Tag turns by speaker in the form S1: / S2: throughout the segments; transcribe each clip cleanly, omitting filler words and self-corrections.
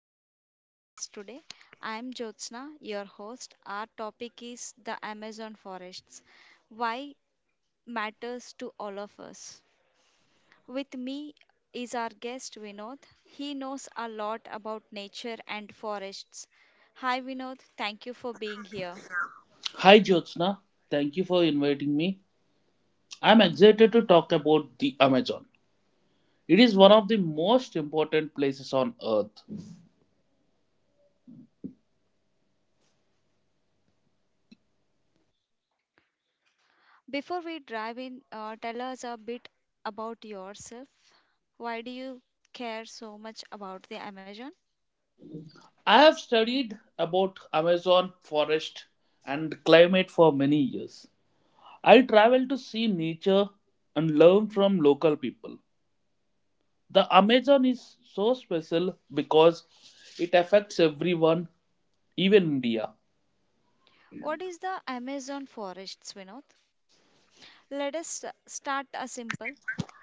S1: special podcast today. I am Jyotsna, your host. Our topic is the Amazon forests. Why matters to all of us. With me is our guest Vinod. He knows a lot about nature and forests. Hi Vinod, thank you for being here.
S2: Hi Jyotsna, thank you for inviting me. I'm excited to talk about the Amazon. It is one of the most important places on earth.
S1: Before we dive in, tell us a bit about yourself. Why do you care so much about the Amazon?
S2: I have studied about Amazon forest and climate for many years. I travel to see nature and learn from local people. The Amazon is so special because it affects everyone, even India.
S1: What is the Amazon forests, Vinod? Let us start a simple.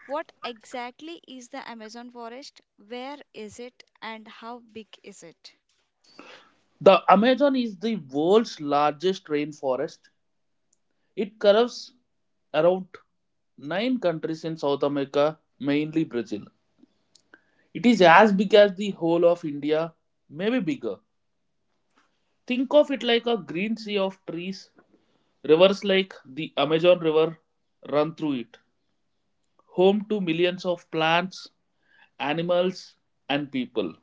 S1: What exactly is the Amazon forest? Where is it and how big is it?
S2: The Amazon is the world's largest rainforest. It curves around nine countries in South America, mainly Brazil. It is as big as the whole of India, maybe bigger. Think of it like a green sea of trees. Rivers like the Amazon River run through it, home to millions of plants, animals, and people.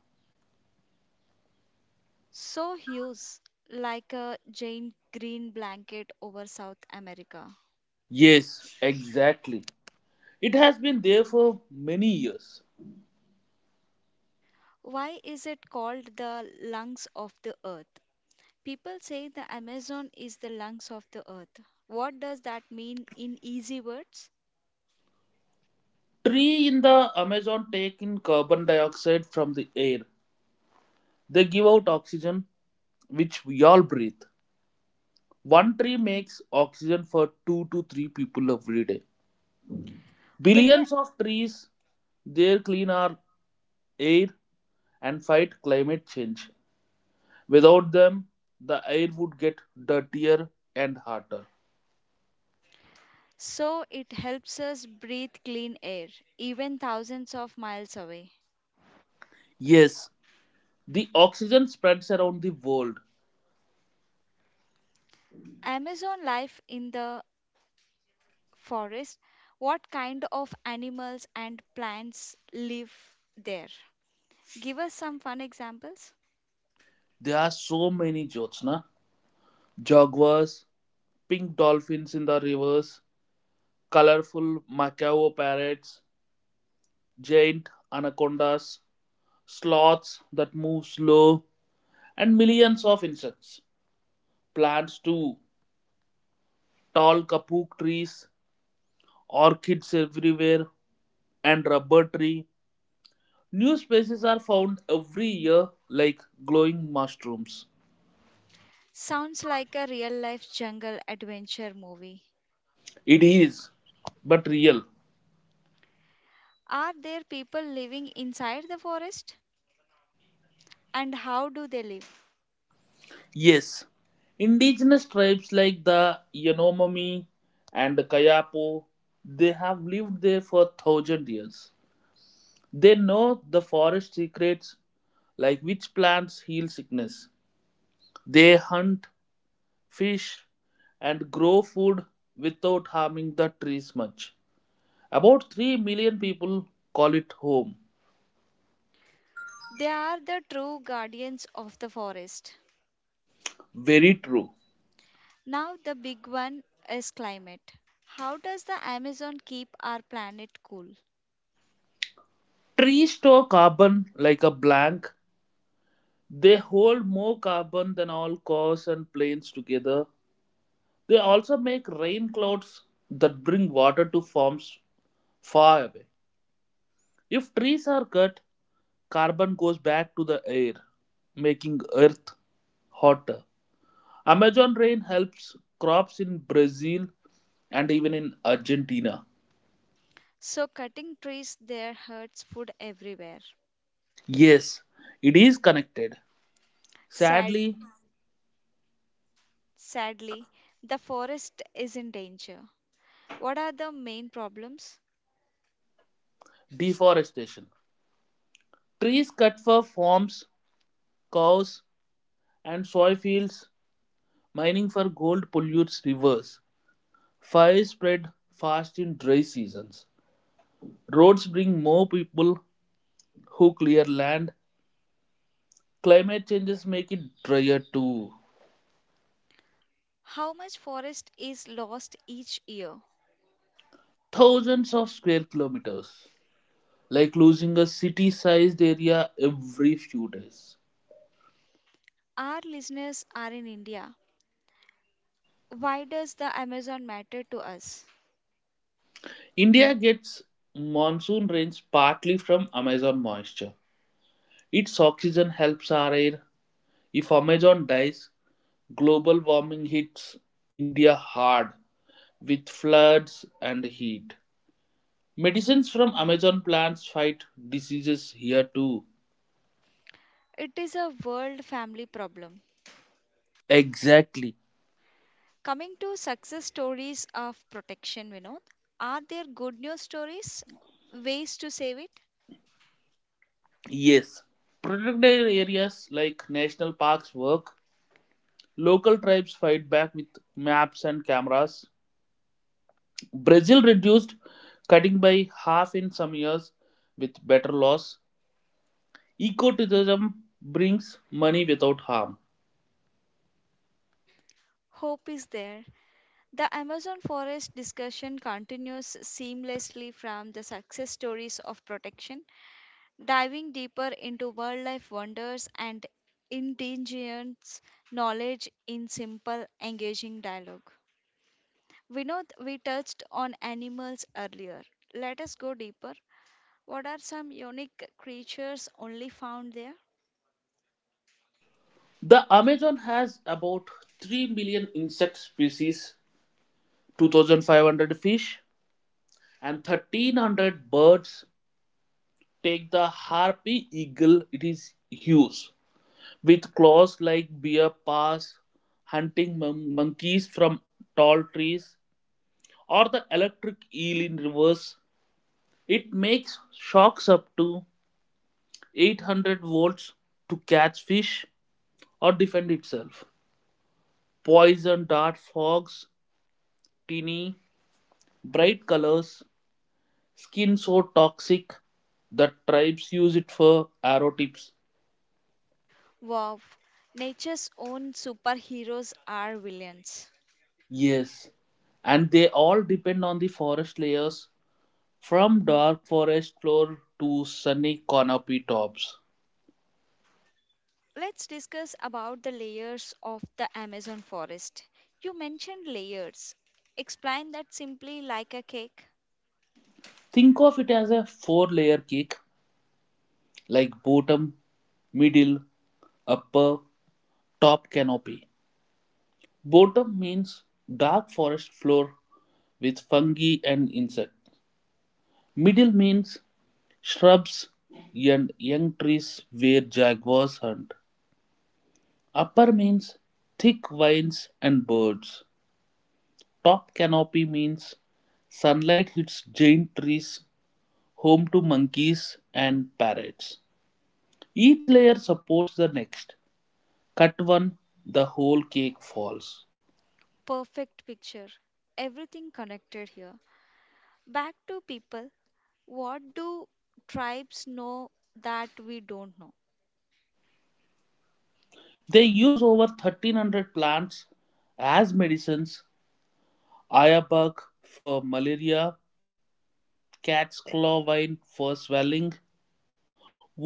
S1: So huge, like a giant green blanket over South America.
S2: Yes, exactly. It has been there for many years.
S1: Why is it called the lungs of the earth? People say the Amazon is the lungs of the earth. What does that mean in easy words?
S2: Tree in the Amazon take in carbon dioxide from the air. They give out oxygen which we all breathe. One tree makes oxygen for two to three people every day.
S1: Billion.
S2: Billions of trees there clean our air and fight climate change. Without them, the air would get dirtier and hotter.
S1: So it helps us breathe clean air, even thousands of miles away.
S2: Yes, the oxygen spreads around the world.
S1: Amazon life in the forest. What kind of animals and plants live there? Give us some fun examples.
S2: There are so many jokes, na? Jaguars, pink dolphins in the rivers, colorful macaw parrots, giant anacondas, sloths that move slow, and millions of insects. Plants too. Tall kapuk trees, orchids everywhere, and rubber tree. New species are found every year like glowing mushrooms.
S1: Sounds like a real life jungle adventure movie.
S2: It is, but real.
S1: Are there people living inside the forest? And how do they live?
S2: Yes, indigenous tribes like the Yanomami and the Kayapo, they have lived there for 1,000 years. They know the forest secrets, like which plants heal sickness. They hunt fish and grow food without harming the trees much. About 3 million people call it home.
S1: They are the true guardians of the forest.
S2: Very true.
S1: Now, the big one is climate. How does the Amazon keep our planet cool?
S2: Trees store carbon like a blank. They hold more carbon than all cars and planes together. They also make rain clouds that bring water to farms far away. If trees are cut, carbon goes back to the air, making earth hotter. Amazon rain helps crops in Brazil and even in Argentina.
S1: So, cutting trees there hurts food everywhere.
S2: Yes, it is connected.
S1: Sad,
S2: Sadly,
S1: sadly, the forest is in danger. What are the main problems?
S2: deforestation. Trees cut for farms, cows, and soy fields. Mining for gold pollutes rivers. Fires spread fast in dry seasons. Roads bring more people who clear land. Climate changes make it drier too.
S1: How much forest is lost each year?
S2: Thousands of square kilometers, like losing a city sized area every few days.
S1: Our listeners are in India. Why does the Amazon matter to us?
S2: India gets monsoon rains partly from Amazon moisture. Its oxygen helps our air. If Amazon dies, global warming hits India hard with floods and heat. Medicines from Amazon plants fight diseases here too.
S1: It is a world family problem.
S2: Exactly.
S1: Coming to success stories of protection, Vinod, are there good news stories? Ways to save it?
S2: Yes. Protected areas like national parks work. Local tribes fight back with maps and cameras. Brazil reduced cutting by half in some years with better laws. Ecotourism brings money without harm.
S1: Hope is there. The Amazon forest discussion continues seamlessly from the success stories of protection diving deeper into wildlife wonders and indigenous knowledge in simple, engaging dialogue. We know we touched on animals earlier. Let us go deeper. What are some unique creatures only found there?
S2: The Amazon has about 3 million insect species, 2,500 fish, and 1300 birds. Take the harpy eagle, it is huge, with claws like bear paws, hunting monkeys from tall trees, or the electric eel in reverse. It makes shocks up to 800 volts to catch fish or defend itself. Poison dart frogs, tinny, bright colors, skin so toxic that tribes use it for arrow tips.
S1: Wow, nature's own superheroes are villains.
S2: Yes, and they all depend on the forest layers from dark forest floor to sunny canopy tops.
S1: Let's discuss about the layers of the Amazon forest. You mentioned layers. Explain that simply like a cake.
S2: Think of it as a four layer cake, like bottom, middle, upper, top canopy. Bottom means dark forest floor with fungi and insects. Middle means shrubs and young trees where jaguars hunt. Upper means thick vines and birds. Top canopy means sunlight hits giant trees, home to monkeys and parrots. Each layer supports the next. Cut one, the whole cake falls.
S1: Perfect picture. Everything connected here. Back to people. What do tribes know that we don't know?
S2: They use over 1300 plants as medicines. Ayabak for malaria, cat's claw vine for swelling,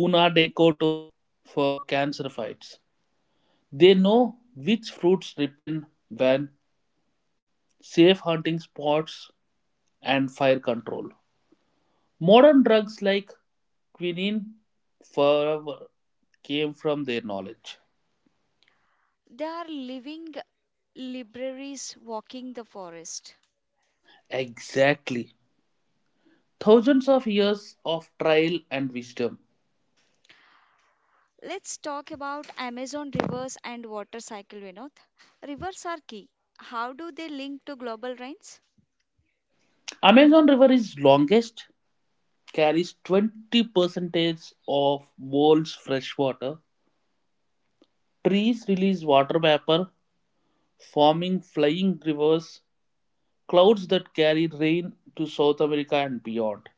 S2: Una de Coto for cancer fights. They know which fruits ripen when, safe hunting spots, and fire control. Modern drugs like quinine forever came from their knowledge.
S1: They are living libraries walking the forest.
S2: Exactly. Thousands of years of trial and wisdom.
S1: Let's talk about Amazon rivers and water cycle, Vinod. Rivers are key. How do they link to global rains?
S2: Amazon River is longest, carries 20 percentage of world's fresh water. Trees release water vapor, forming flying rivers, clouds that carry rain to South America and beyond.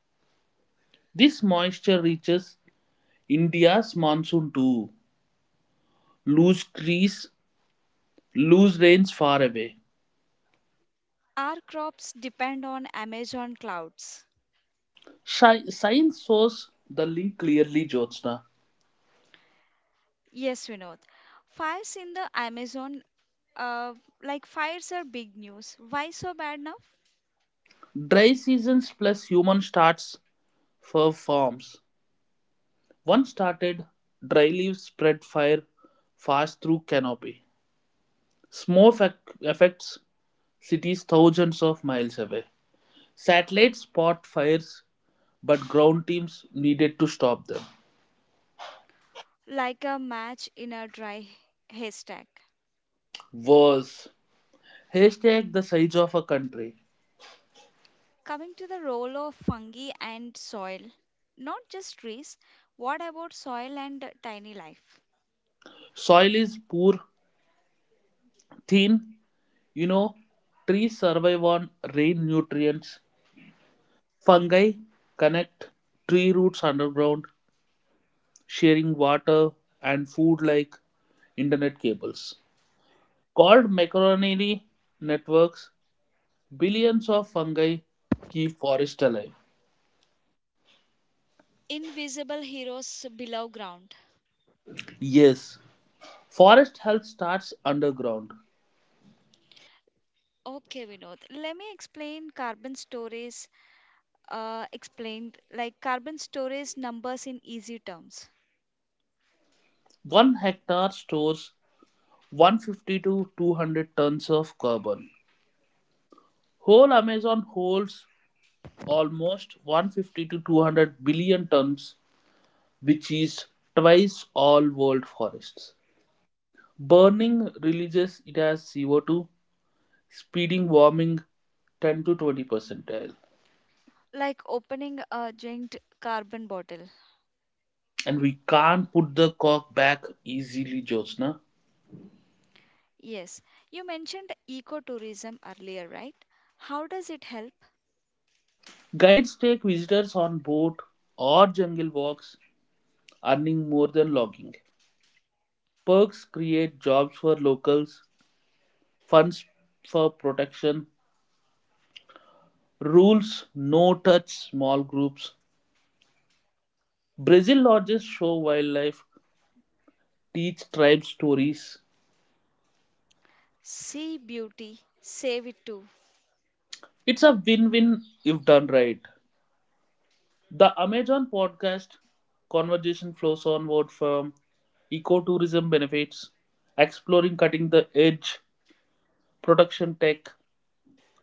S2: This moisture reaches India's monsoon too. Loose trees, loose rains far away.
S1: Our crops depend on Amazon clouds.
S2: Science shows the link clearly, Jyotsna.
S1: Yes, Vinod. Fires in the Amazon, uh, like fires are big news. Why so bad now?
S2: Dry seasons plus human starts fir forms. One started, dry leaves spread fire fast through canopy. Smoke affects cities thousands of miles away. Satellites spot fires, but ground teams needed to stop them.
S1: Like a match in a dry haystack.
S2: Worse, haystack the size of a country.
S1: Coming to the role of fungi and soil, not just trees, what about soil and tiny life?
S2: Soil is poor, thin. You know, Trees survive on rain nutrients. Fungi connect tree roots underground, sharing water and food like internet cables. Called macronary networks, billions of fungi keep forest alive.
S1: Invisible heroes below ground.
S2: Yes, forest health starts underground.
S1: Okay, Vinod, let me explain carbon storage. Explained like carbon storage numbers in easy terms,
S2: One hectare stores 150 to 200 tons of carbon. Whole Amazon holds almost 150 to 200 billion tons, which is twice all world forests. Burning releases it as CO2, speeding warming 10 to 20 percentile.
S1: like opening a giant carbon bottle.
S2: And we can't put the cork back easily, josna.
S1: Yes, you mentioned ecotourism earlier, right? How does it help?
S2: Guides take visitors on boat or jungle walks, earning more than logging. Perks create jobs for locals, funds for protection. Rules, no touch, small groups. Brazil lodges show wildlife, teach tribe stories.
S1: See beauty, save it too.
S2: It's a win-win if done right. The Amazon podcast conversation flows onward from ecotourism benefits, exploring cutting the edge production tech,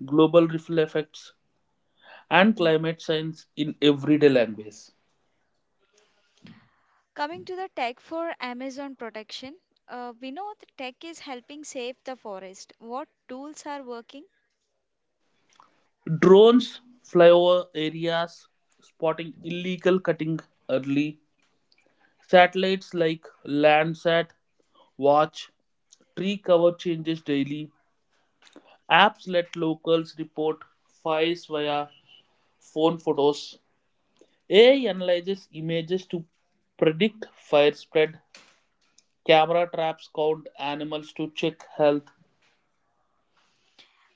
S2: global ripple effects, and climate science in everyday language.
S1: Coming to the tech for Amazon protection, we know that tech is helping save the forest. What tools are working?
S2: Drones fly over areas, spotting illegal cutting early. Satellites like Landsat watch tree cover changes daily. Apps let locals report fires via phone photos. AI analyzes images to predict fire spread. Camera traps count animals to check health.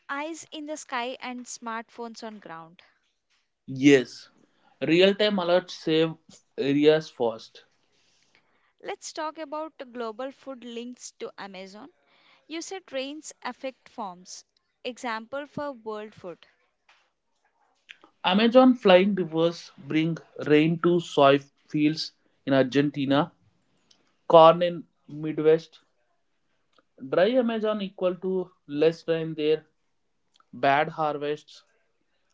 S1: Eyes in the sky and smartphones on ground.
S2: Yes, real time alerts save areas fast.
S1: Let's talk about the global food links to Amazon. You said rains affect farms. Example for world food.
S2: Amazon flying rivers bring rain to soy fields in Argentina, corn in Midwest. Dry Amazon equal to less rain there, bad harvests,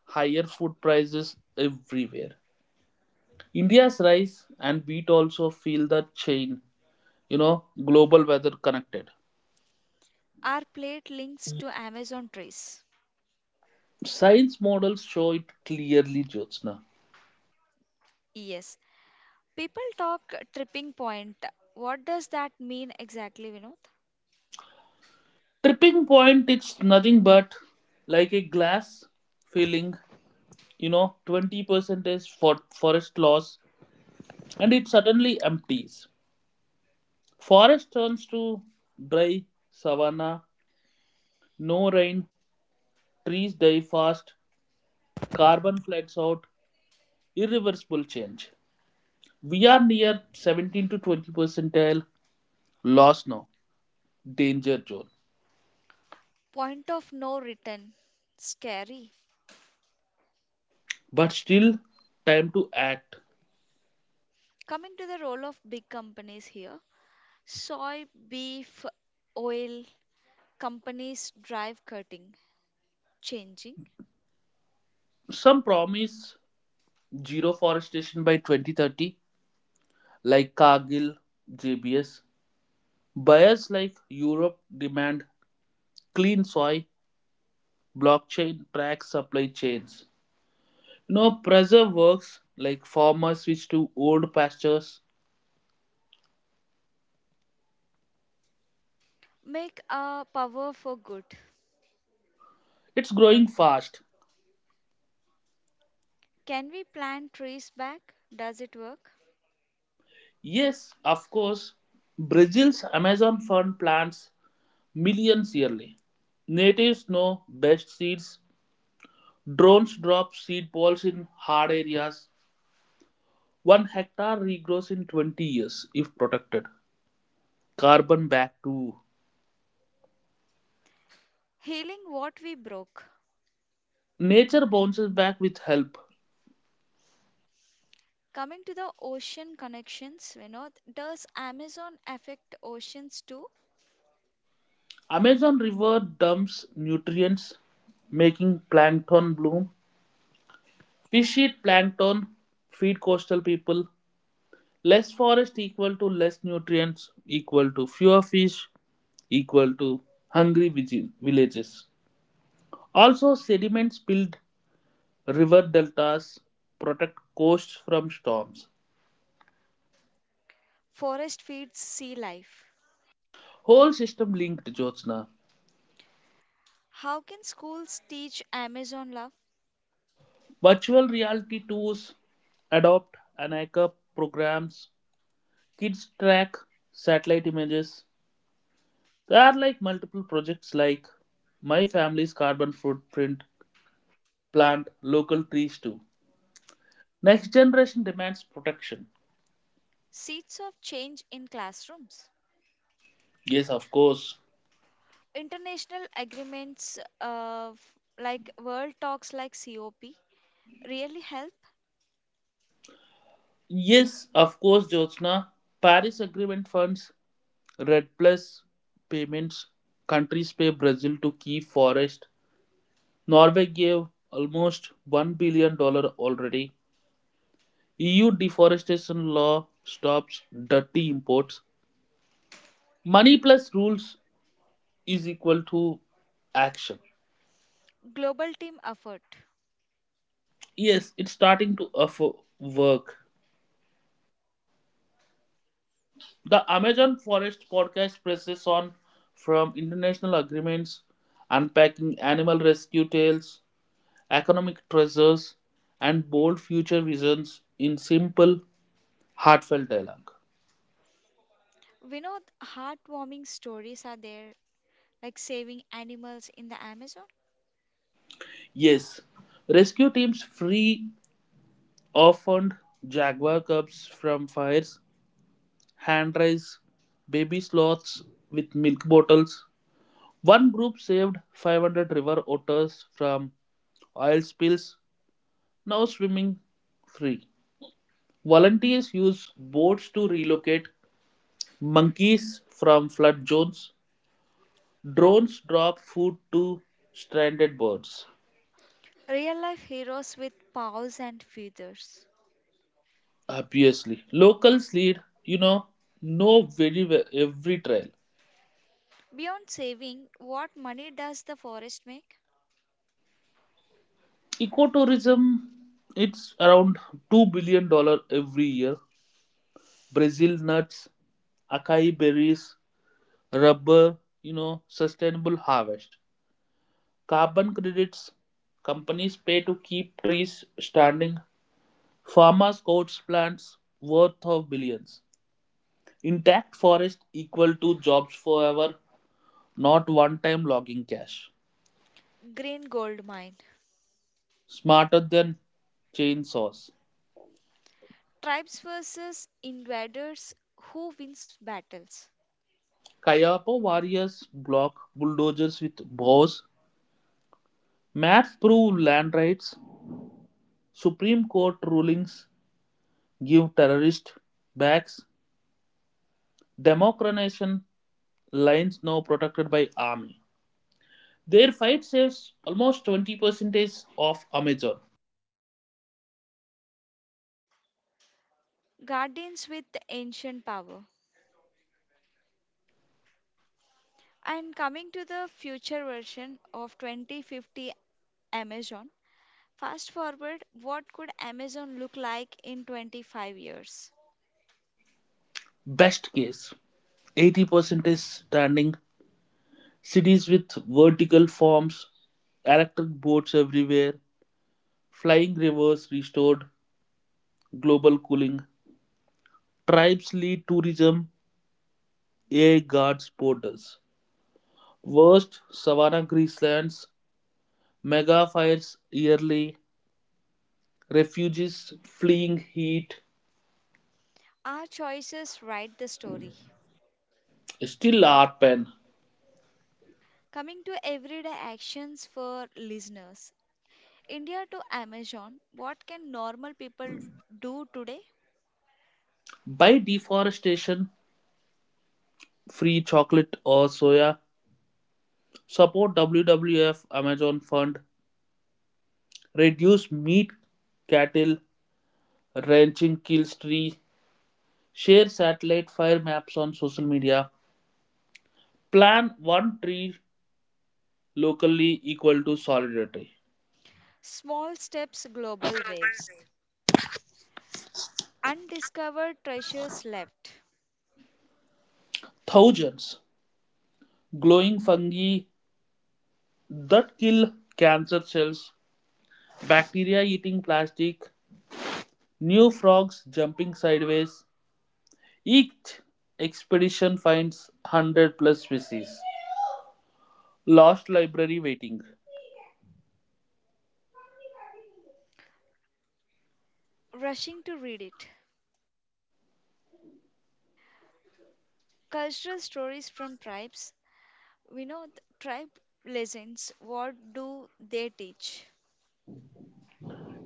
S2: higher food prices everywhere. India's rise and beat also feel the chain. you know Global weather connected.
S1: Our plate links to Amazon trees.
S2: Science models show it clearly, jyotsna.
S1: Yes. People talk tripping point. What does that mean exactly, Vinod?
S2: Tripping point, it's nothing but like a glass filling. 20% is for forest loss, and it suddenly empties. Forest turns to dry savanna, no rain, trees die fast, carbon floods out, irreversible change. We are near 17 to 20 percentile loss now. Danger zone.
S1: Point of no return. Scary.
S2: But still, time to act.
S1: Coming to the role of big companies here soy, beef, oil companies drive cutting, changing,
S2: Some promise zero forestation by 2030, like Cargill, JBS. Buyers like Europe demand clean soil, blockchain tracks supply chains. Preserve works like farmers switch to old pastures.
S1: make a power for good.
S2: It's growing fast.
S1: Can we plant trees back? Does it work?
S2: Yes, of course, Brazil's Amazon fern plants millions yearly. Natives know best seeds. Drones drop seed balls in hard areas. One hectare regrows in 20 years if protected. Carbon back too.
S1: Healing what we broke.
S2: Nature bounces back with help.
S1: Coming to the ocean connections, you know, does Amazon affect oceans too?
S2: Amazon River dumps nutrients, making plankton bloom. Fish eat plankton, feed coastal people. Less forest equal to less nutrients, equal to fewer fish, equal to hungry villages. Also, sediments build river deltas, protect coasts from storms.
S1: Forest feeds sea life.
S2: Whole system linked, Jyotsna.
S1: How can schools teach Amazon love?
S2: Virtual reality tools, adopt and programs. Kids track satellite images. There are like multiple projects like My Family's Carbon Footprint, Plant Local Trees too. Next generation demands protection.
S1: Seeds of change in classrooms.
S2: Yes, of course.
S1: International agreements of like world talks like COP really help
S2: Yes, of course, Jyotsna. Paris Agreement funds Red Plus payments. Countries pay Brazil to keep forest. Norway gave almost $1 billion dollars already. EU deforestation law stops dirty imports. Money plus rules is equal to action.
S1: global team effort.
S2: Yes, it's starting to offer work. The Amazon Forest podcast presses on from international agreements, unpacking animal rescue tales, economic treasures, and bold future visions in simple, heartfelt dialogue.
S1: We know heartwarming stories are there like saving animals in the Amazon,
S2: Yes, rescue teams free orphaned jaguar cubs from fires, hand raise baby sloths with milk bottles. One group saved 500 river otters from oil spills, now swimming free. Volunteers use boats to relocate monkeys from flood zones. Drones drop food to stranded birds.
S1: real life heroes with paws and feathers.
S2: Obviously, locals lead, you know, know very well every trail.
S1: Beyond saving, what money does the forest make?
S2: Ecotourism, it's around $2 billion every year. Brazil nuts, acai berries, rubber, sustainable harvest. Carbon credits, companies pay to keep trees standing. Farmers coats plants worth of billions. Intact forest equal to jobs forever, not one-time logging cache.
S1: Green gold mine.
S2: Smarter than chainsaws.
S1: Tribes versus invaders, who wins battles?
S2: Kayapa warriors block bulldozers with bows. Maps prove land rights. Supreme Court rulings give terrorist backs. Democratization lines now protected by army. Their fight saves almost 20% of Amazon.
S1: Guardians with ancient power. And coming to the future version of 2050 Amazon, fast forward, what could Amazon look like in 25 years?
S2: Best case, 80% is standing. Cities with vertical forms, electric boats everywhere, flying rivers restored, global cooling. Tribes lead tourism. Air guards borders. Worst savanna grasslands. Mega fires yearly. Refugees fleeing heat.
S1: Our choices write the story.
S2: Still art pen.
S1: Coming to everyday actions for listeners, India to Amazon, what can normal people do today?
S2: By deforestation, free chocolate or soya. Support WWF Amazon Fund. Reduce meat cattle. Ranching kills tree. Share satellite fire maps on social media. Plan one tree locally equal to solidarity.
S1: Small steps, global waves. Undiscovered treasures left.
S2: Thousands glowing fungi that kill cancer cells, bacteria eating plastic, new frogs jumping sideways. Each expedition finds 100 plus species. Lost library waiting.
S1: Rushing to read it. Cultural stories from tribes. We know the tribe lessons, what do they teach?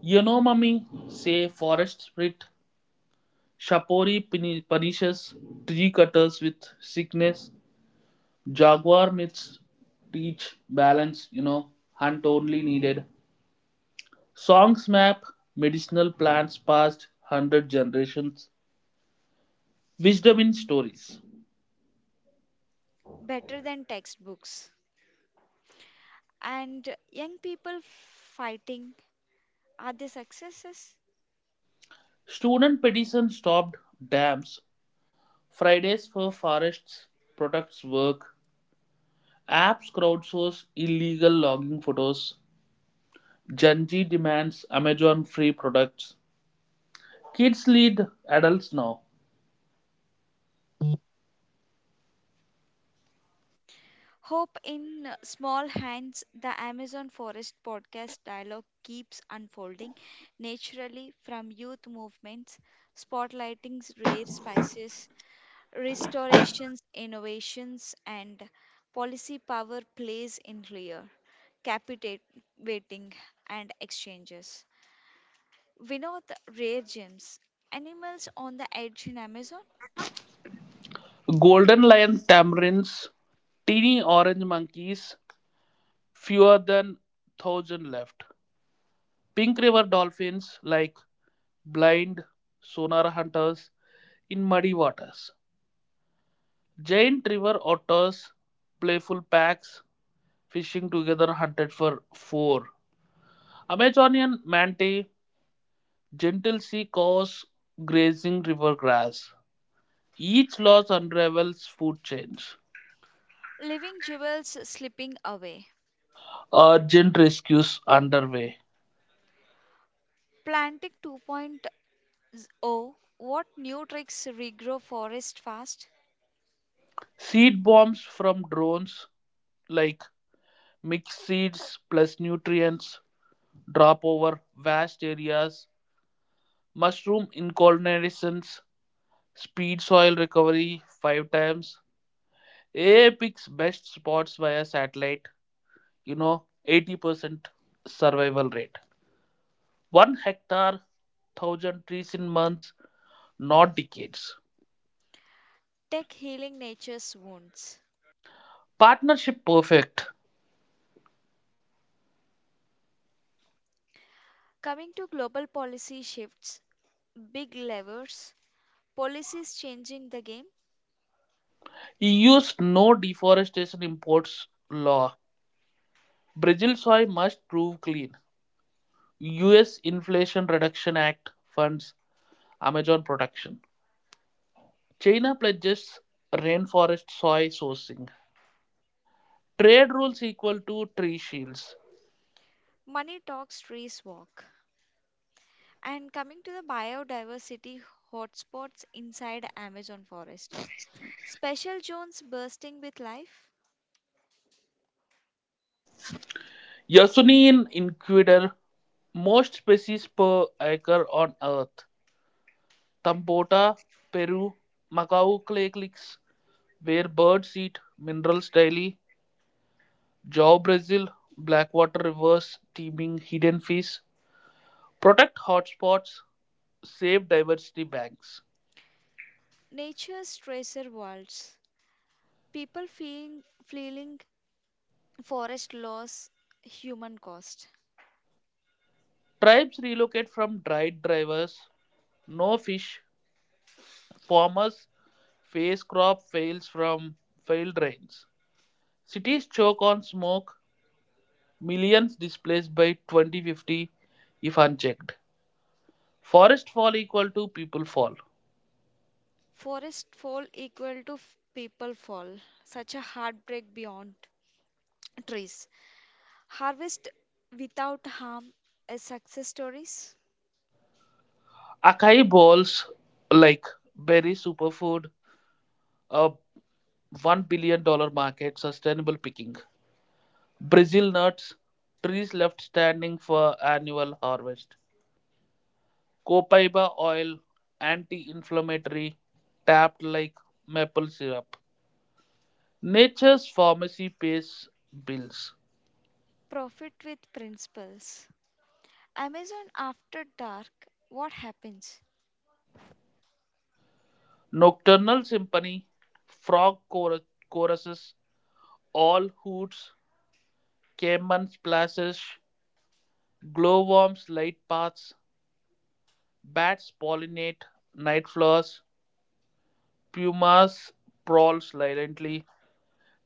S2: Yanomami say forest spirit. Shapori punishes tree cutters with sickness. Jaguar myths teach balance, hunt only needed. Songs map medicinal plants past 100 generations. Wisdom in stories.
S1: Better than textbooks. And young people fighting, are they successes?
S2: Student petition stopped dams. Fridays for forests products work. Apps crowdsource illegal logging photos. Janji demands Amazon free products. Kids lead adults now.
S1: Hope in Small Hands, the Amazon Forest podcast dialogue keeps unfolding naturally from youth movements, spotlighting rare spices Restorations, innovations, and policy power plays in rear, captivating, and exchanges. Vinod, rare gems, animals on the edge in Amazon,
S2: Golden lion tamarins. Teeny orange monkeys. Fewer than 1,000 left. Pink river dolphins like blind sonar hunters in muddy waters. Giant river otters, playful packs fishing together hunted for four. Amazonian mantis, gentle sea cows grazing river grass. Each loss unravels food chains.
S1: living jewels slipping away.
S2: Urgent rescues underway.
S1: Planting 2.0, what new tricks regrow forest fast?
S2: Seed bombs from drones like mixed seeds plus nutrients drop over vast areas. Mushroom inculnations speed soil recovery five times. AI picks best spots via satellite. 80% survival rate. One hectare, thousand trees in months, not decades.
S1: Tech healing nature's wounds.
S2: Partnership perfect.
S1: Coming to global policy shifts, big levers, policies changing the game,
S2: EU used no deforestation imports law. Brazil soy must prove clean. US Inflation Reduction Act funds Amazon production. China pledges rainforest soy sourcing. Trade rules equal to tree shields.
S1: money talks, trees walk. And coming to the biodiversity hotspots inside Amazon forest, special zones bursting with life,
S2: Yasunian Inquisitor, most species per acre on Earth. Tambota, Peru, Macau clay cliffs, where birds eat minerals daily. Jaw Brazil, Blackwater rivers, teeming hidden fish. Protect hotspots, save diversity banks.
S1: nature's treasure worlds, people feeling forest loss human cost.
S2: Tribes relocate from dried drivers, no fish. Farmers face crop fails from failed rains. Cities choke on smoke, millions displaced by 2050 if unchecked. Forest fall equal to people fall.
S1: Forest fall equal to people fall, such a heartbreak beyond trees. Harvest without harm as success stories,
S2: Acai bowls like berry superfood, a $1 billion market, sustainable picking. Brazil nuts, trees left standing for annual harvest. Copaiba oil, anti-inflammatory, tapped like maple syrup. Nature's pharmacy pays bills.
S1: profit with principles. Amazon After Dark, what happens?
S2: Nocturnal symphony, frog choruses, owl hoots, caiman splashes, glowworms light paths, bats pollinate night flowers, pumas prowl silently.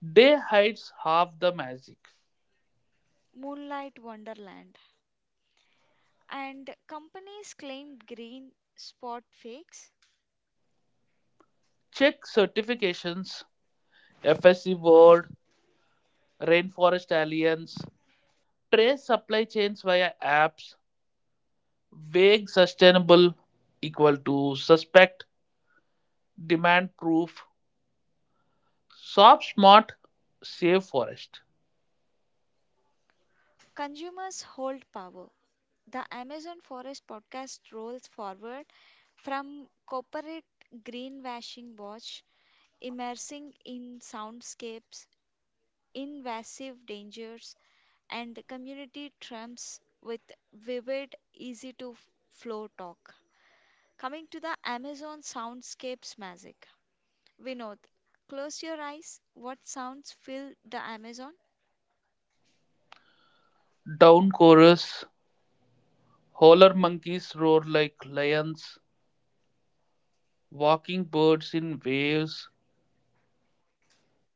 S2: Day hides half the magic.
S1: Moonlight Wonderland. And companies claim green spot fakes.
S2: Check certifications, FSC World, Rainforest Alliance, trace supply chains via apps, vague sustainable equal to suspect, demand proof, Sob smart, save forest.
S1: Consumers hold power. The Amazon Forest podcast rolls forward from corporate greenwashing watch, immersing in soundscapes, invasive dangers, and community trumps with vivid, easy to flow talk. Coming to the Amazon soundscapes magic. Vinod, close your eyes. What sounds fill the Amazon?
S2: Down chorus. Howler monkeys roar like lions. Walking birds in waves.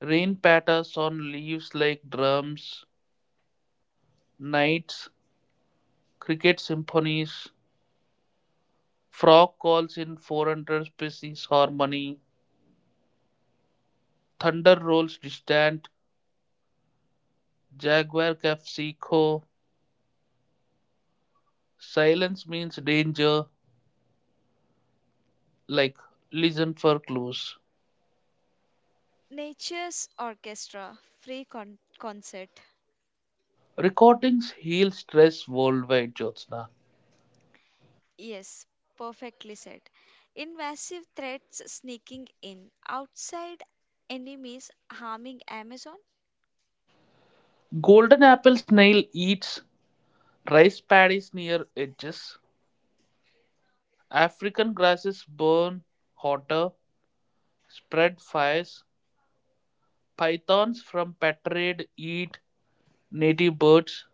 S2: Rain patters on leaves like drums. Nights. Cricket symphonies. Frog calls in 400 species harmony. Thunder rolls distant. Jaguar calf seco. Silence means danger. Like listen for clues.
S1: Nature's Orchestra, free concert.
S2: Recordings heal stress worldwide, Jyotsna.
S1: Yes, perfectly said. Invasive threats sneaking in, outside enemies harming Amazon,
S2: Golden apple snail eats rice paddies near edges. African grasses burn hotter, spread fires. Pythons from Patrade eat native birds.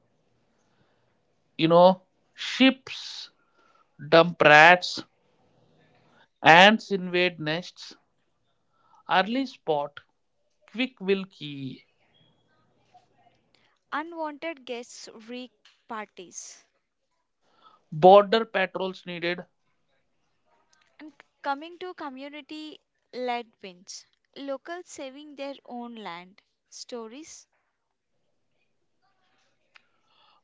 S2: You know, ships dump rats. Ants invade nests. Early spot, quick will key.
S1: unwanted guests wreak parties.
S2: Border patrols needed.
S1: And coming to community led wins, locals saving their own land. Stories,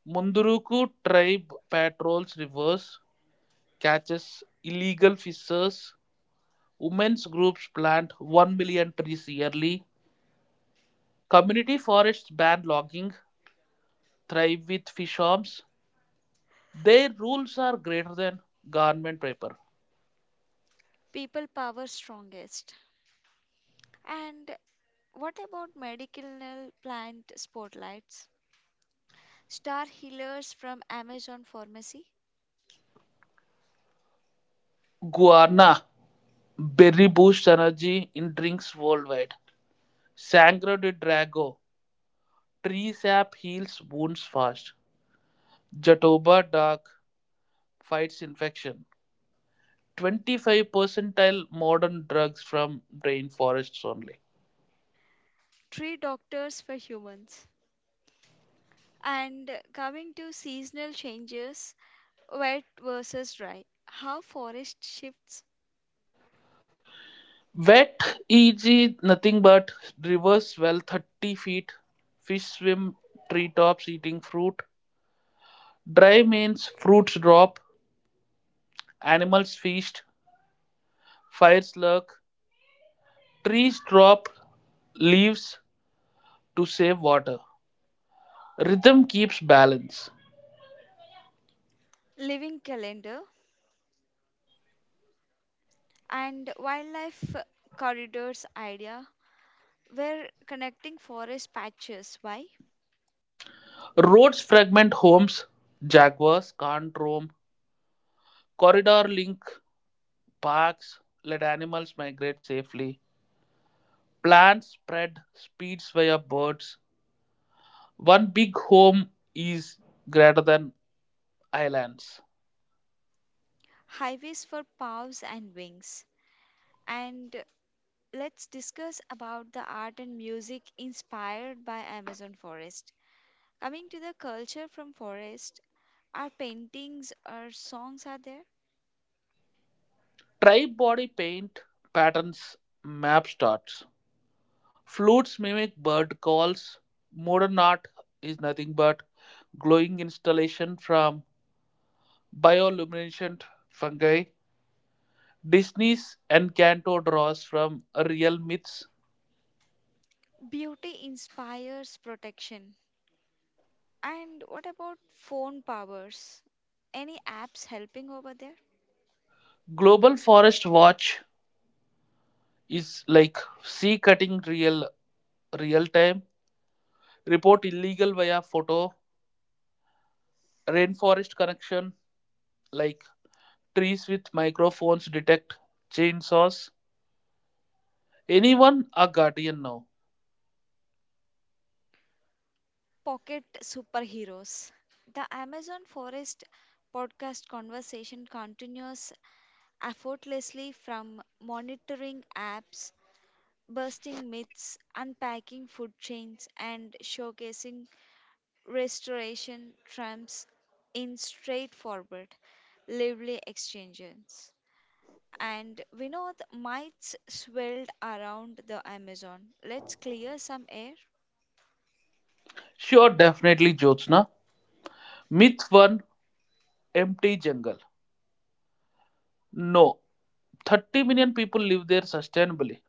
S2: Munduruku tribe patrols rivers, catches illegal fishers. Women's groups plant 1 million trees yearly. Community forests ban logging, thrive with fish farms. Their rules are greater than government paper.
S1: people power strongest. And what about medicinal plant spotlights? Star healers from Amazon Pharmacy?
S2: Guarana berry boosts energy in drinks worldwide. Sangre de Drago tree sap heals wounds fast. Jatoba dark fights infection. 25 percentile modern drugs from rainforests only.
S1: Tree doctors for humans. And coming to seasonal changes, wet versus dry, how forest shifts,
S2: Wet, easy, nothing but rivers well, 30 feet, fish swim treetops eating fruit. Dry means fruits drop, animals feast, fires lurk, trees drop leaves to save water. Rhythm keeps balance.
S1: living calendar, and wildlife corridors idea, where connecting forest patches, why?
S2: Roads fragment homes, jaguars can't roam. Corridor link parks, let animals migrate safely. Plants spread, speeds via birds. One big home is greater than islands.
S1: Highways for paths and wings, and let's discuss about the art and music inspired by Amazon forest. Coming to the culture from forest, our paintings or songs are there.
S2: Tri-body paint patterns map starts. Flutes mimic bird calls. Modern art is nothing but glowing installation from bioluminescent fungi. Disney's Encanto draws from real myths.
S1: Beauty inspires protection. And what about phone powers? Any apps helping over there?
S2: Global Forest Watch is like sea cutting real time. Report illegal via photo. Rainforest connection like trees with microphones detect chainsaws. Anyone a guardian now?
S1: Pocket superheroes. The Amazon forest podcast conversation continues effortlessly from monitoring apps busting myths, unpacking food chains, and showcasing restoration triumphs in straightforward, lively exchanges. And we know the mites swirled around the Amazon. Let's clear some air.
S2: Sure, definitely, Jyotsna. Myth 1, empty jungle. No, 30 million people live there sustainably.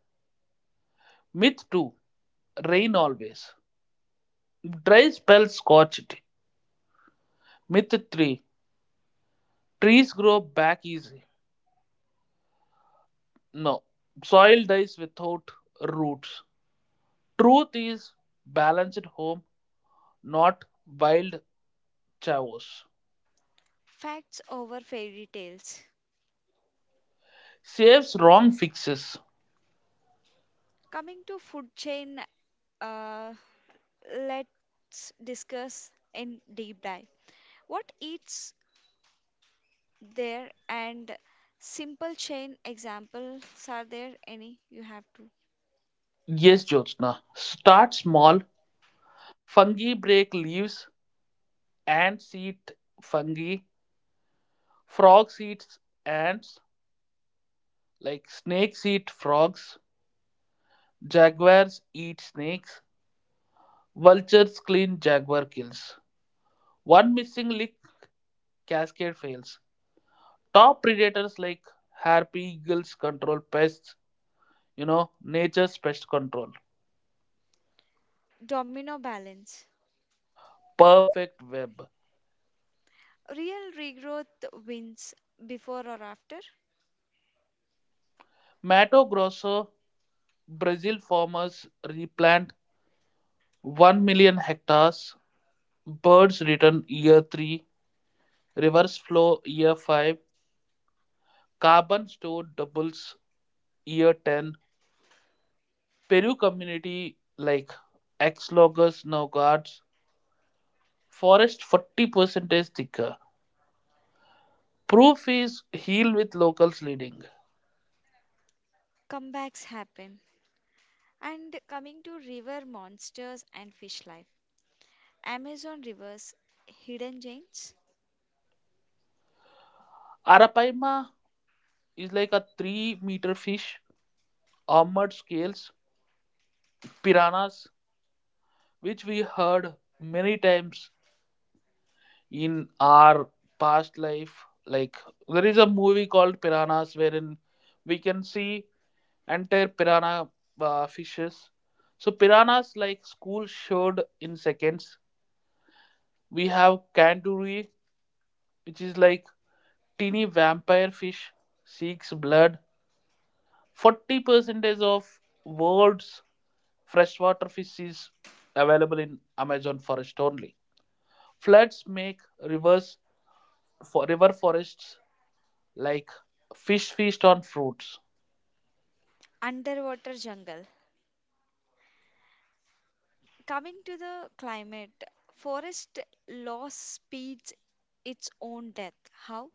S2: Myth 2, rain always. Dry spells scorch it. Myth 3, trees grow back easy. No, soil dies without roots. Truth is balanced home, not wild chaos.
S1: Facts over fairy tales.
S2: Saves wrong fixes.
S1: Coming to food chain, uh, let's discuss in deep dive. What eats there and simple chain examples are there any you have to
S2: Yes, Jyotsna. Start small. Fungi break leaves, ants eat fungi, frogs eat ants, like snakes eat frogs, jaguars eat snakes, vultures clean jaguar kills. One missing lick, cascade fails. Top predators like harpy eagles control pests, nature's pest control.
S1: domino balance
S2: Perfect web.
S1: real regrowth wins before or after
S2: Mato Grosso, Brazil farmers replant 1 million hectares, birds return year 3, reverse flow year 5, carbon stored doubles year 10, Peru community like Axlogus now guards, forest 40% thicker. Proof is heal with locals leading.
S1: comebacks happen and coming to river monsters and fish life amazon rivers hidden gems
S2: Arapaima is like a 3-meter fish, armored scales, piranhas, which we heard many times in our past life, like there is a movie called piranhas wherein we can see entire piranha fishes. So piranhas like school showed in seconds. We have kanduri, which is like teeny vampire fish seeks blood. 40% of world's freshwater fish is available in amazon forest only. Floods make rivers for river forests like fish feast on fruits.
S1: underwater jungle coming to the climate forest loss speeds its own death how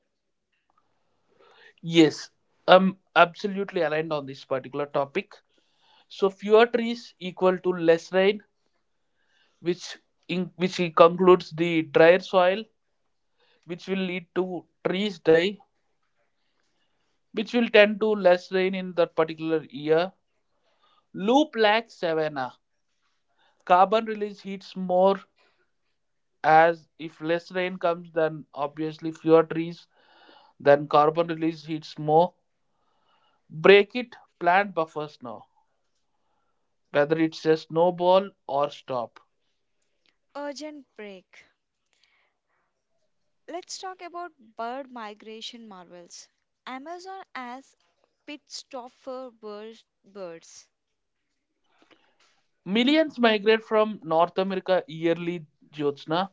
S2: Yes, I'm absolutely aligned on this particular topic. So fewer trees equal to less rain, which in, which concludes the drier soil, which will lead to trees die, which will tend to less rain in that particular year. Loop lack savanna. Carbon release heats more, as if less rain comes, then obviously fewer trees, then carbon release heats more. Break it, plant buffers now, whether it's a snowball or stop.
S1: urgent break. Let's talk about bird migration marvels. Amazon as pit stop for birds.
S2: Millions migrate from North America yearly, Jyotsna.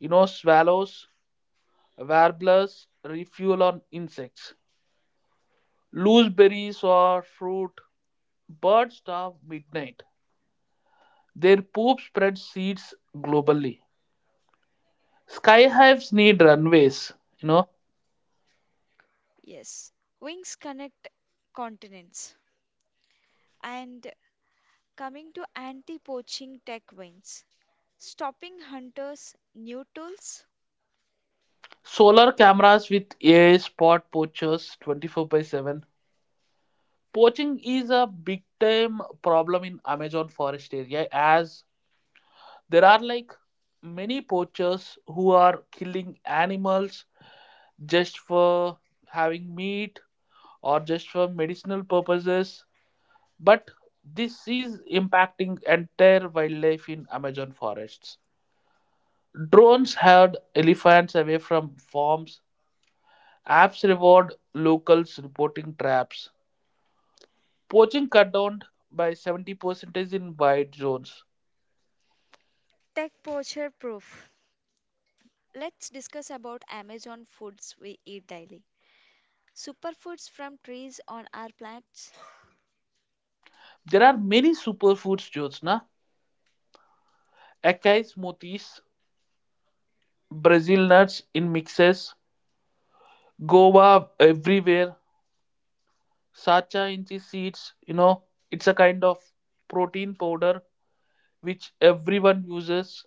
S2: Swallows, warblers refuel on insects. Loose berries or fruit. Birds starve midnight. Their poop spreads seeds globally. Sky hives need runways. You know,
S1: Yes, wings connect continents. And coming to anti-poaching tech wins, stopping hunters, new tools,
S2: solar cameras with AI spot poachers 24/7. Poaching is a big time problem in Amazon forest area, as there are like many poachers who are killing animals just for having meat or just for medicinal purposes. But this is impacting entire wildlife in Amazon forests. Drones herd elephants away from farms. Apps reward locals reporting traps. Poaching cut down by 70% in wide zones.
S1: tech poacher proof. Let's discuss about Amazon foods we eat daily. Superfoods from trees on our plants?
S2: There are many superfoods, Jyotsna. Acai smoothies, Brazil nuts in mixes, guava everywhere, sacha in the seeds. It's a kind of protein powder which everyone uses.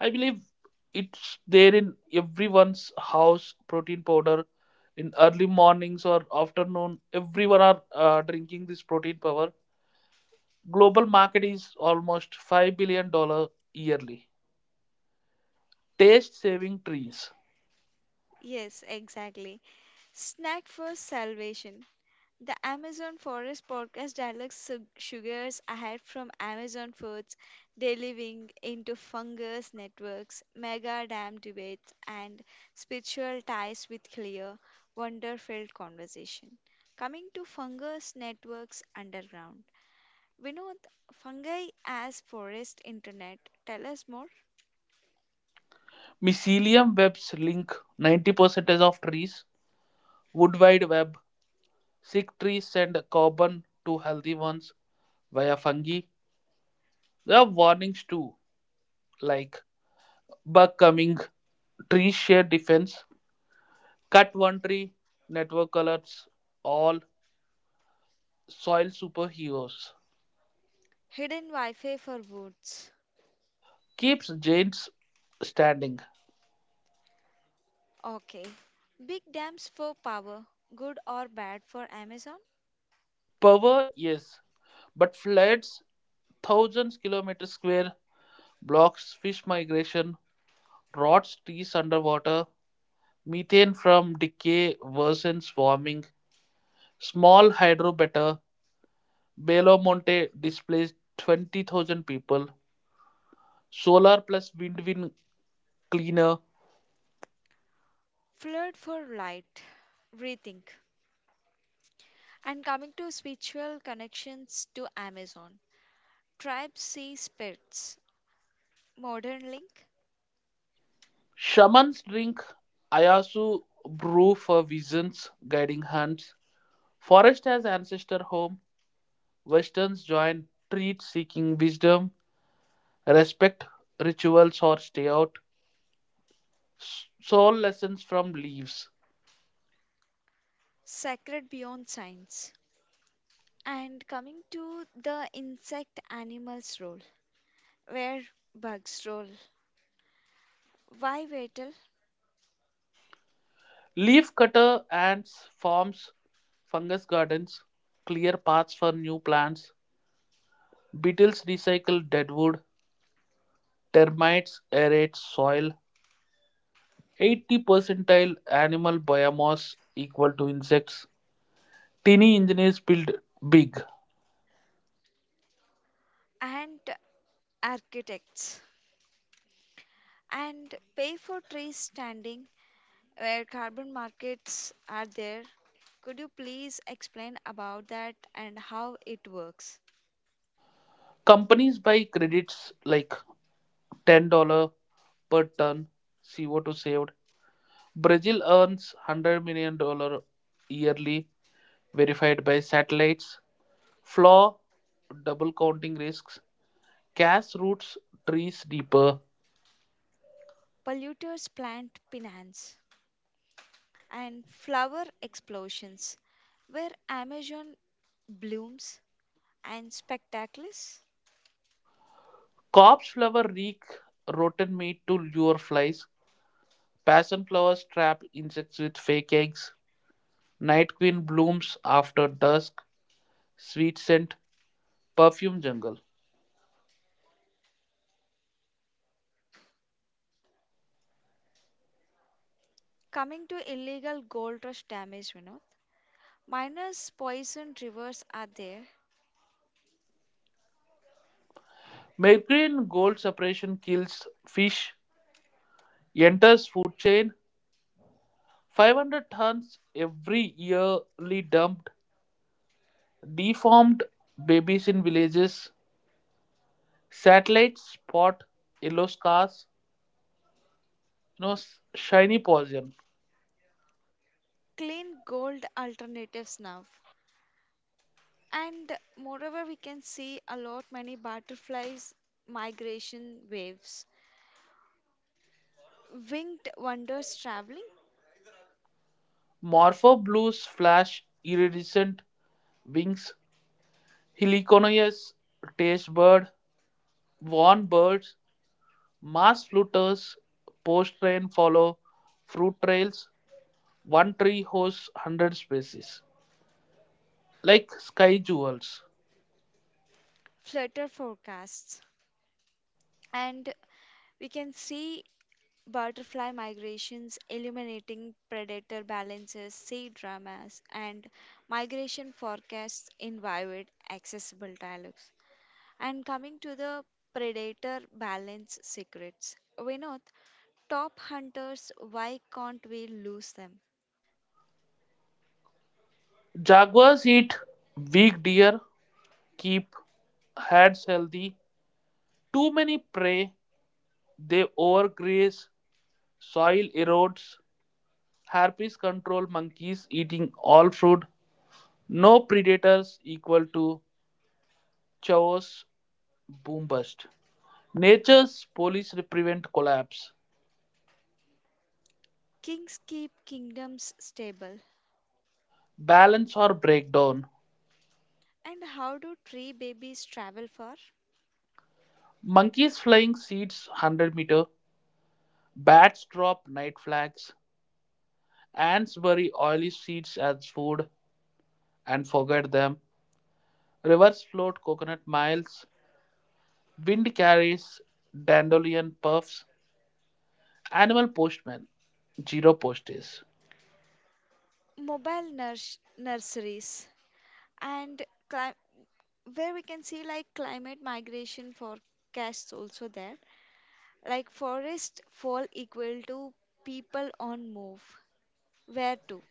S2: I believe it's there in everyone's house. Protein powder in early mornings or afternoon, everyone are drinking this protein powder. Global market is almost $5 billion yearly. Taste saving trees.
S1: Yes, exactly. Snack for salvation. The Amazon Forest podcast dialogue sugars ahead from Amazon forts, their living into fungus networks, mega dam debates, and spiritual ties with clear, wonder filled conversation. Coming to fungus networks underground. Vinod, fungi as forest internet. Tell us more.
S2: Mycelium webs link 90% of trees, Wood Wide Web. Sick trees send carbon to healthy ones via fungi. There are warnings too, like bug coming, trees share defense, cut one tree, network alerts, all soil superheroes.
S1: Hidden Wi Fi for woods.
S2: Keeps giants standing.
S1: Okay. Big dams for power. Good or bad for Amazon?
S2: Power, yes, but floods thousands kilometers square, blocks fish migration, rots trees underwater, methane from decay worsens warming, small hydro better, Belo Monte displaced 20,000 people. Solar plus wind cleaner.
S1: Flood for Light, Rethink. And coming to spiritual connections to Amazon, tribes, see Spirits, Modern Link,
S2: Shamans drink Ayasu brew for visions, guiding hands. Forest has ancestor home. Westerns join treat seeking wisdom. Respect rituals or stay out. Soul lessons from leaves.
S1: Sacred Beyond Science. And coming to the insect animals role, where bugs role, why Vettel
S2: Leaf cutter ants forms fungus gardens. Clear paths for new plants. Beetles recycle dead wood. Termites aerate soil. 80 percentile animal biomass equal to insects. Tiny engineers build big.
S1: and architects. And pay for trees standing, where carbon markets are there. Could you please explain about that and how it works?
S2: Companies buy credits like $10 per ton CO2 saved. Brazil earns $100 million dollar yearly, verified by satellites. Flaw, double counting risks. Cass roots trees deeper.
S1: Polluters plant pinans, and flower explosions, where Amazon blooms and spectacles.
S2: Corpse flower reek rotten meat to lure flies. Passion flowers trap insects with fake eggs. Night queen blooms after dusk. Sweet scent, perfume jungle.
S1: Coming to illegal gold rush damage, you know, miners poisoned rivers are there,
S2: Mercury in gold separation kills fish. Enters food chain. 500 tons every yearly dumped. Deformed babies in villages. Satellites spot yellow scars. You know, shiny poison.
S1: clean gold alternatives now. And moreover, we can see a lot many butterflies migration waves, winged wonders traveling,
S2: Morpho blues flash iridescent wings. Heliconoias taste bird warn birds, mass fluters, post rain follow, fruit trails, one tree hosts 100 species, like sky jewels.
S1: flutter forecasts, and we can see butterfly migrations, illuminating predator balances, sea dramas, and migration forecasts in vivid, accessible dialogues. And coming to the predator balance secrets, Vinod, top hunters, why can't we lose them?
S2: Jaguars eat weak deer, keep herds healthy. Too many prey, they overgraze, soil erodes. Harpies control monkeys eating all food. No predators equal to chaos boom bust. Nature's police prevent collapse.
S1: Kings keep kingdoms stable.
S2: Balance or breakdown.
S1: And how do tree babies travel far?
S2: Monkeys flying seeds 100 meter. Bats drop night flags. Ants bury oily seeds as food and forget them. Rivers float coconut miles. Wind carries dandelion puffs. Animal postmen. Zero posties.
S1: Mobile nurseries and cli- where we can see like climate migration forecasts also there like forest fall equal to people on move where to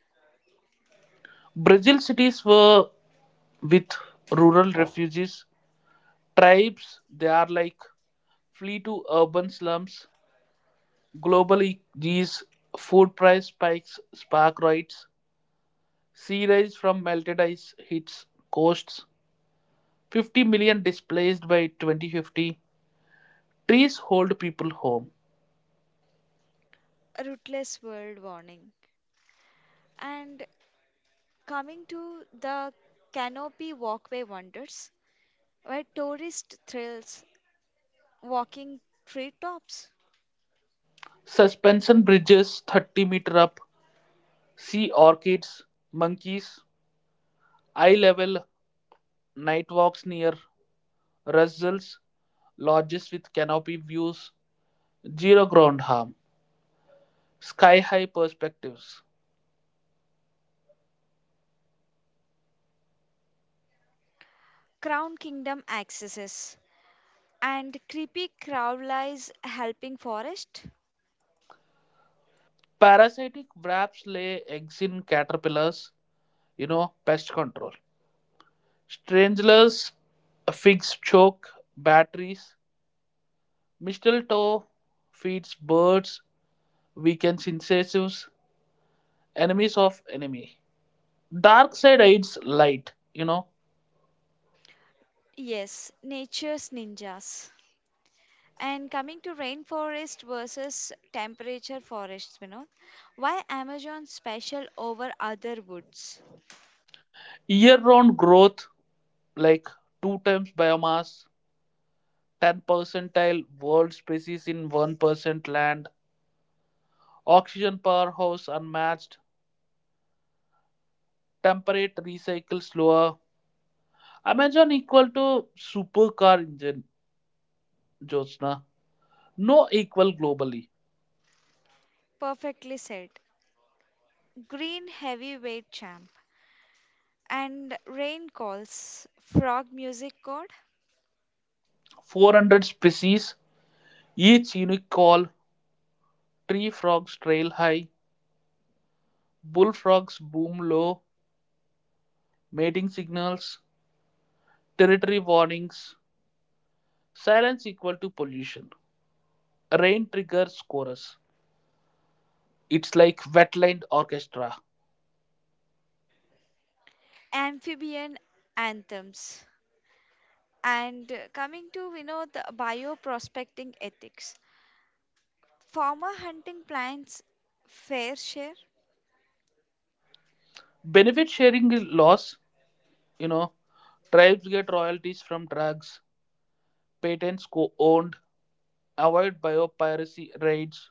S2: Brazil cities were with rural refugees. Tribes, they are like flee to urban slums. Globally, these food price spikes spark riots. Sea rise from melted ice hits coasts. 50 million displaced by 2050. Trees hold people home.
S1: a rootless world warning and coming to the canopy walkway wonders where tourist thrills walking treetops
S2: Suspension bridges 30-meter up. Sea orchids, monkeys, eye level night walks near Russells, lodges with canopy views, zero ground harm, sky high perspectives.
S1: crown kingdom accesses and creepy crowlies helping forest
S2: Parasitic wraps lay eggs in caterpillars, pest control. Stranglers, figs choke, batteries, mistletoe feeds birds, weakens incisives, enemies of enemy. Dark side aids light.
S1: yes nature's ninjas. And coming to rainforest versus temperature forests, Vinod, why Amazon special over other woods?
S2: Year round growth like two times biomass, 10 percentile world species in 1% land, oxygen powerhouse unmatched, temperate recycle slower. Amazon equal to supercar engine, Jyotsna. No equal globally.
S1: Perfectly said. Green heavyweight champ and rain calls, frog music chord,
S2: 400 species, each unique call, tree frogs trail high, bullfrogs boom low, mating signals, territory warnings, silence equal to pollution. Rain triggers chorus. It's like wetland orchestra.
S1: amphibian anthems. And coming to you know the bioprospecting ethics. Farmer hunting plants fair share,
S2: Benefit sharing is loss. you know, Tribes get royalties from drugs, patents co owned, avoid biopiracy raids,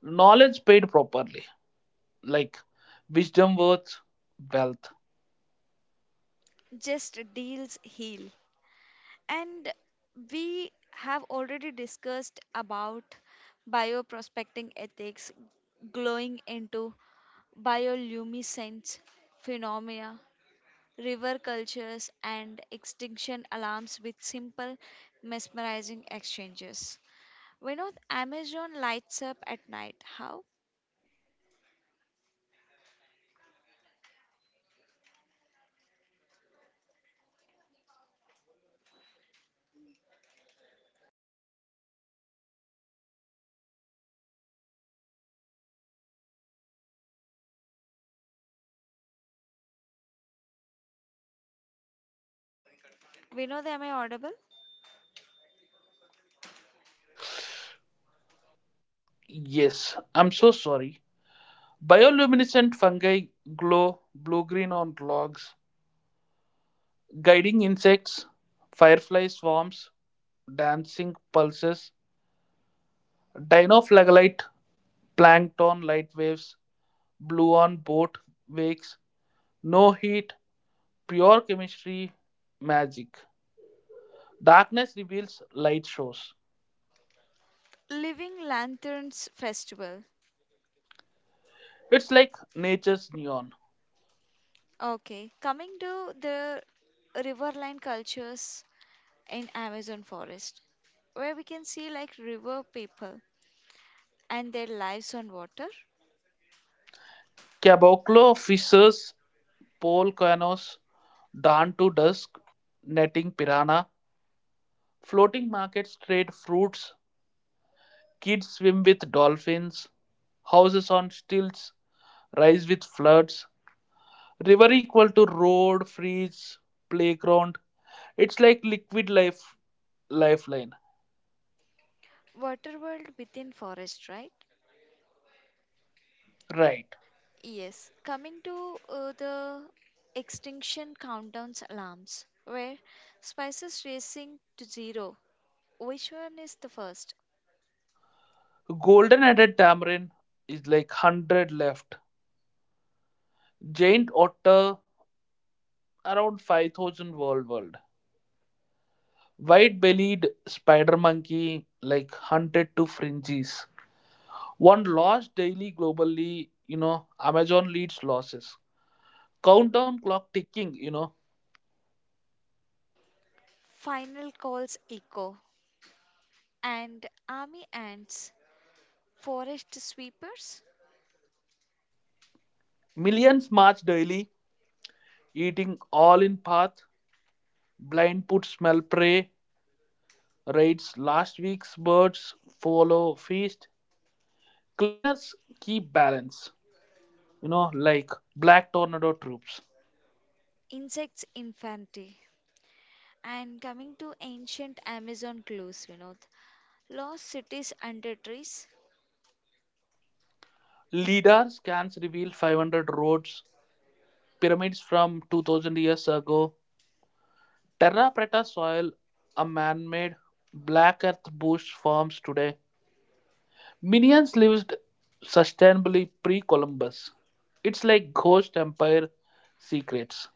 S2: knowledge paid properly. Like wisdom worth wealth.
S1: just deals heal. And we have already discussed about bioprospecting ethics glowing into bioluminescence phenomena, river cultures, and extinction alarms with simple, mesmerizing exchanges. We know the Amazon lights up at night. How? We know the Am I audible?
S2: Yes, I'm so sorry. Bioluminescent fungi glow blue green on logs, guiding insects, firefly swarms, dancing pulses, Dinoflagellate plankton light waves, blue on boat wakes, no heat, pure chemistry, magic. Darkness reveals light shows.
S1: Living Lanterns Festival.
S2: It's like nature's neon.
S1: Okay, coming to the riverline cultures in Amazon forest, where we can see like river people and their lives on water
S2: Caboclo fishes pole canoes, dawn to dusk, netting piranha, floating markets trade fruits, kids swim with dolphins, houses on stilts rise with floods, river equal to road, freeze, playground. It's like liquid life lifeline.
S1: water world within forest right
S2: Right.
S1: yes coming to the extinction countdowns alarms where spices racing to zero which one is the first
S2: Golden headed tamarin is like 100 left. Giant otter around 5,000 world. White-bellied spider monkey like hunted to fringes. One loss daily globally. Amazon leads losses. Countdown clock ticking, you know.
S1: final calls echo and army ants forest sweepers
S2: Millions march daily, eating all in path. Blind put smell prey, raids last week's birds, follow feast. Cleaners keep balance, like black tornado troops.
S1: insects infancy and coming to ancient amazon clues vinod lost cities under trees
S2: LIDAR scans reveal 500 roads, pyramids from 2000 years ago, Terra preta soil, a man-made black earth bush forms today. Minions lived sustainably pre-Columbus. It's like ghost empire secrets.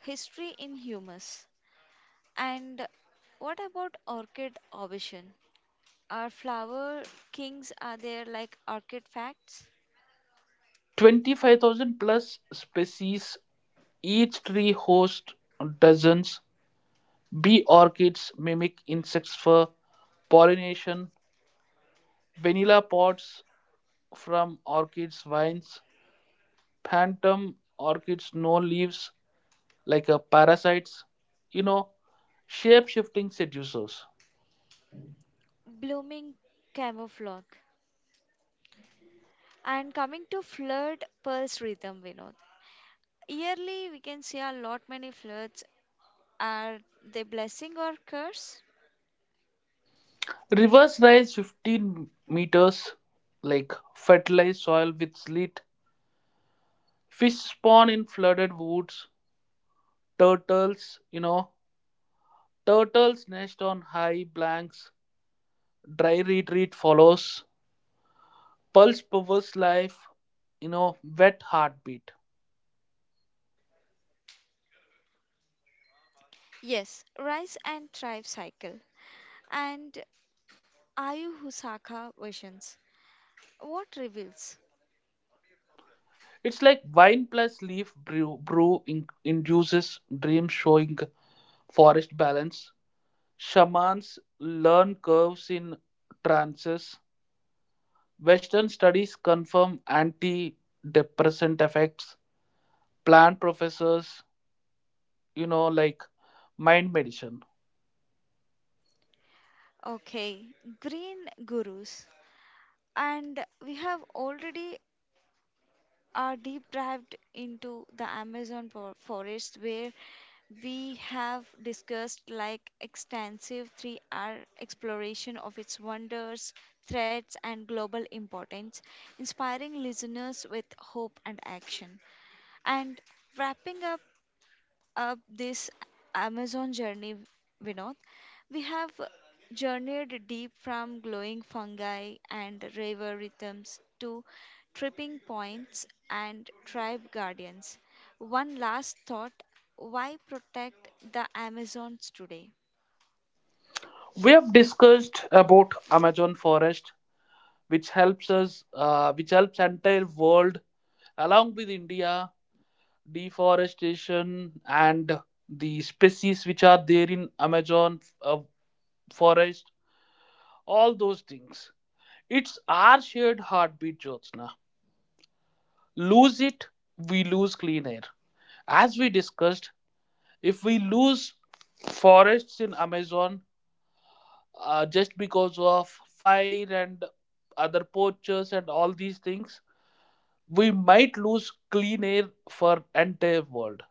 S1: history in humus. And what about orchid ovation? Are flower kings are there like orchid facts?
S2: 25,000 plus species, each tree hosts dozens. Bee orchids mimic insects for pollination. Vanilla pods from orchids vines. Phantom orchids no leaves. Like parasites. you know, shape shifting seducers.
S1: Blooming camouflage. And coming to flood pulse rhythm, Vinod. Yearly we can see a lot many floods. Are they blessing or curse?
S2: Rivers rise 15 meters, like fertilized soil with slit. Fish spawn in flooded woods. Turtles, turtles nest on high blanks. Dry retreat follows. Pulse perverse life. Wet heartbeat.
S1: Yes, rise and thrive cycle. And Ayu Husaka visions. What reveals?
S2: It's like wine plus leaf brew, brew in, induces dream showing forest balance. Shamans learn curves in trances. Western studies confirm antidepressant effects. Plant professors, like mind medicine.
S1: Okay, green gurus. And we have already deep dived into the Amazon forest where we have discussed like extensive 3R exploration of its wonders, threats and global importance, inspiring listeners with hope and action. And wrapping up this Amazon journey, Vinod. We have journeyed deep from glowing fungi and river rhythms to tripping points and tribe guardians. One last thought why protect the Amazons today?
S2: We have discussed about Amazon forest, which helps us, which helps entire world along with India, deforestation and the species which are there in Amazon forest, all those things. It's our shared heartbeat, Jyotsna. Lose it, we lose clean air. As we discussed, if we lose forests in Amazon just because of fire and other poachers and all these things, we might lose clean air for entire world,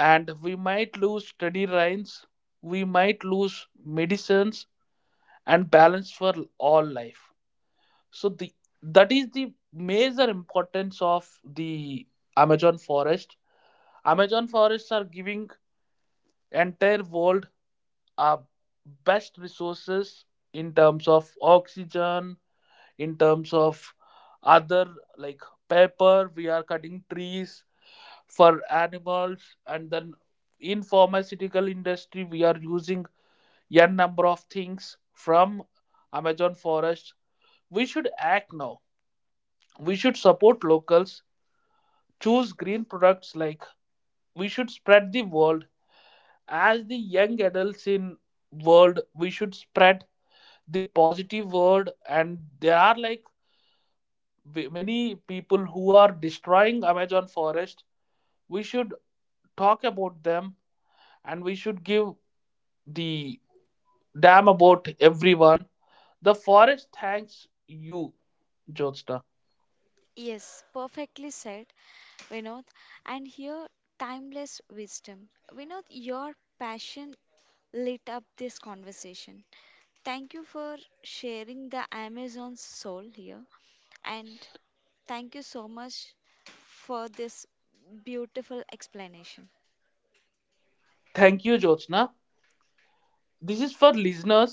S2: and we might lose steady rains, we might lose medicines and balance for all life. So the that is the major importance of the Amazon forest. Amazon forests are giving entire world our best resources in terms of oxygen, in terms of other like paper. We are cutting trees for animals, and then in pharmaceutical industry we are using n number of things from Amazon forest. We should act now. We should support locals. Choose green products. Like we should spread the word as the young adults in world, we should spread the positive word, and there are like many people who are destroying amazon forest. We should talk about them, and we should give the damn about everyone. The forest thanks you, Jyotsna.
S1: Yes, perfectly said, Vinod. And here, timeless wisdom. Vinod, your passion lit up this conversation. Thank you for sharing the Amazon soul here, and thank you so much for this beautiful explanation.
S2: Thank you, Jyotsna. This is for listeners.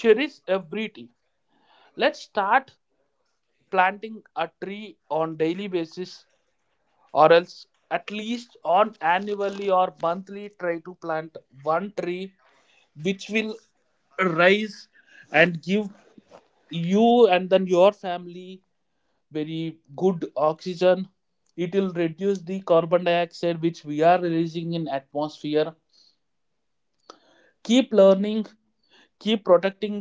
S2: Cherish every tree. Let's start planting a tree on daily basis, or else at least on annually or monthly try to plant one tree, which will rise and give you and then your family very good oxygen. It will reduce the carbon dioxide which we are releasing in atmosphere. Keep learning, keep protecting,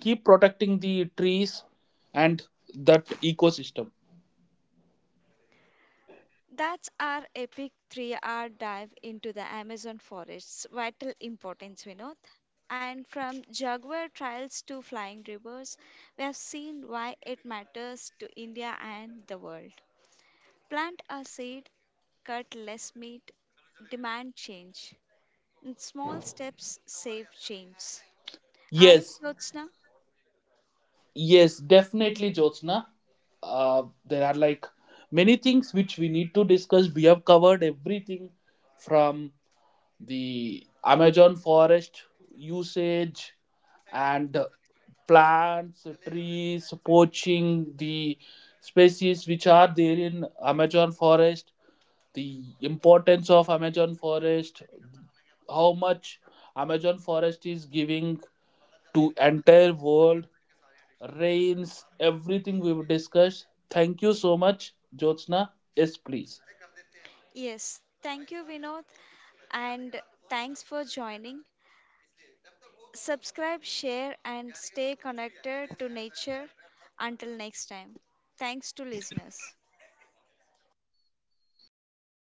S2: the trees and that ecosystem.
S1: That's our epic 3-hour dive into the Amazon forest's vital importance, Vinod. And from jaguar trials to flying rivers, we have seen why it matters to India and the world. Plant a seed, cut less meat, demand change. And small steps save change. I am
S2: Yes.
S1: Jyotsna.
S2: Yes, definitely, Jyotsna. There are like many things which we need to discuss. We have covered everything from the Amazon forest usage and plants, trees, poaching, the species which are there in Amazon forest, the importance of Amazon forest, how much Amazon forest is giving to entire world rains, everything we've discussed. Thank you so much, Jyotsna. Yes, please.
S1: Yes, thank you, Vinod, and thanks for joining. Subscribe, share, and stay connected to nature. Until next time, thanks to listeners.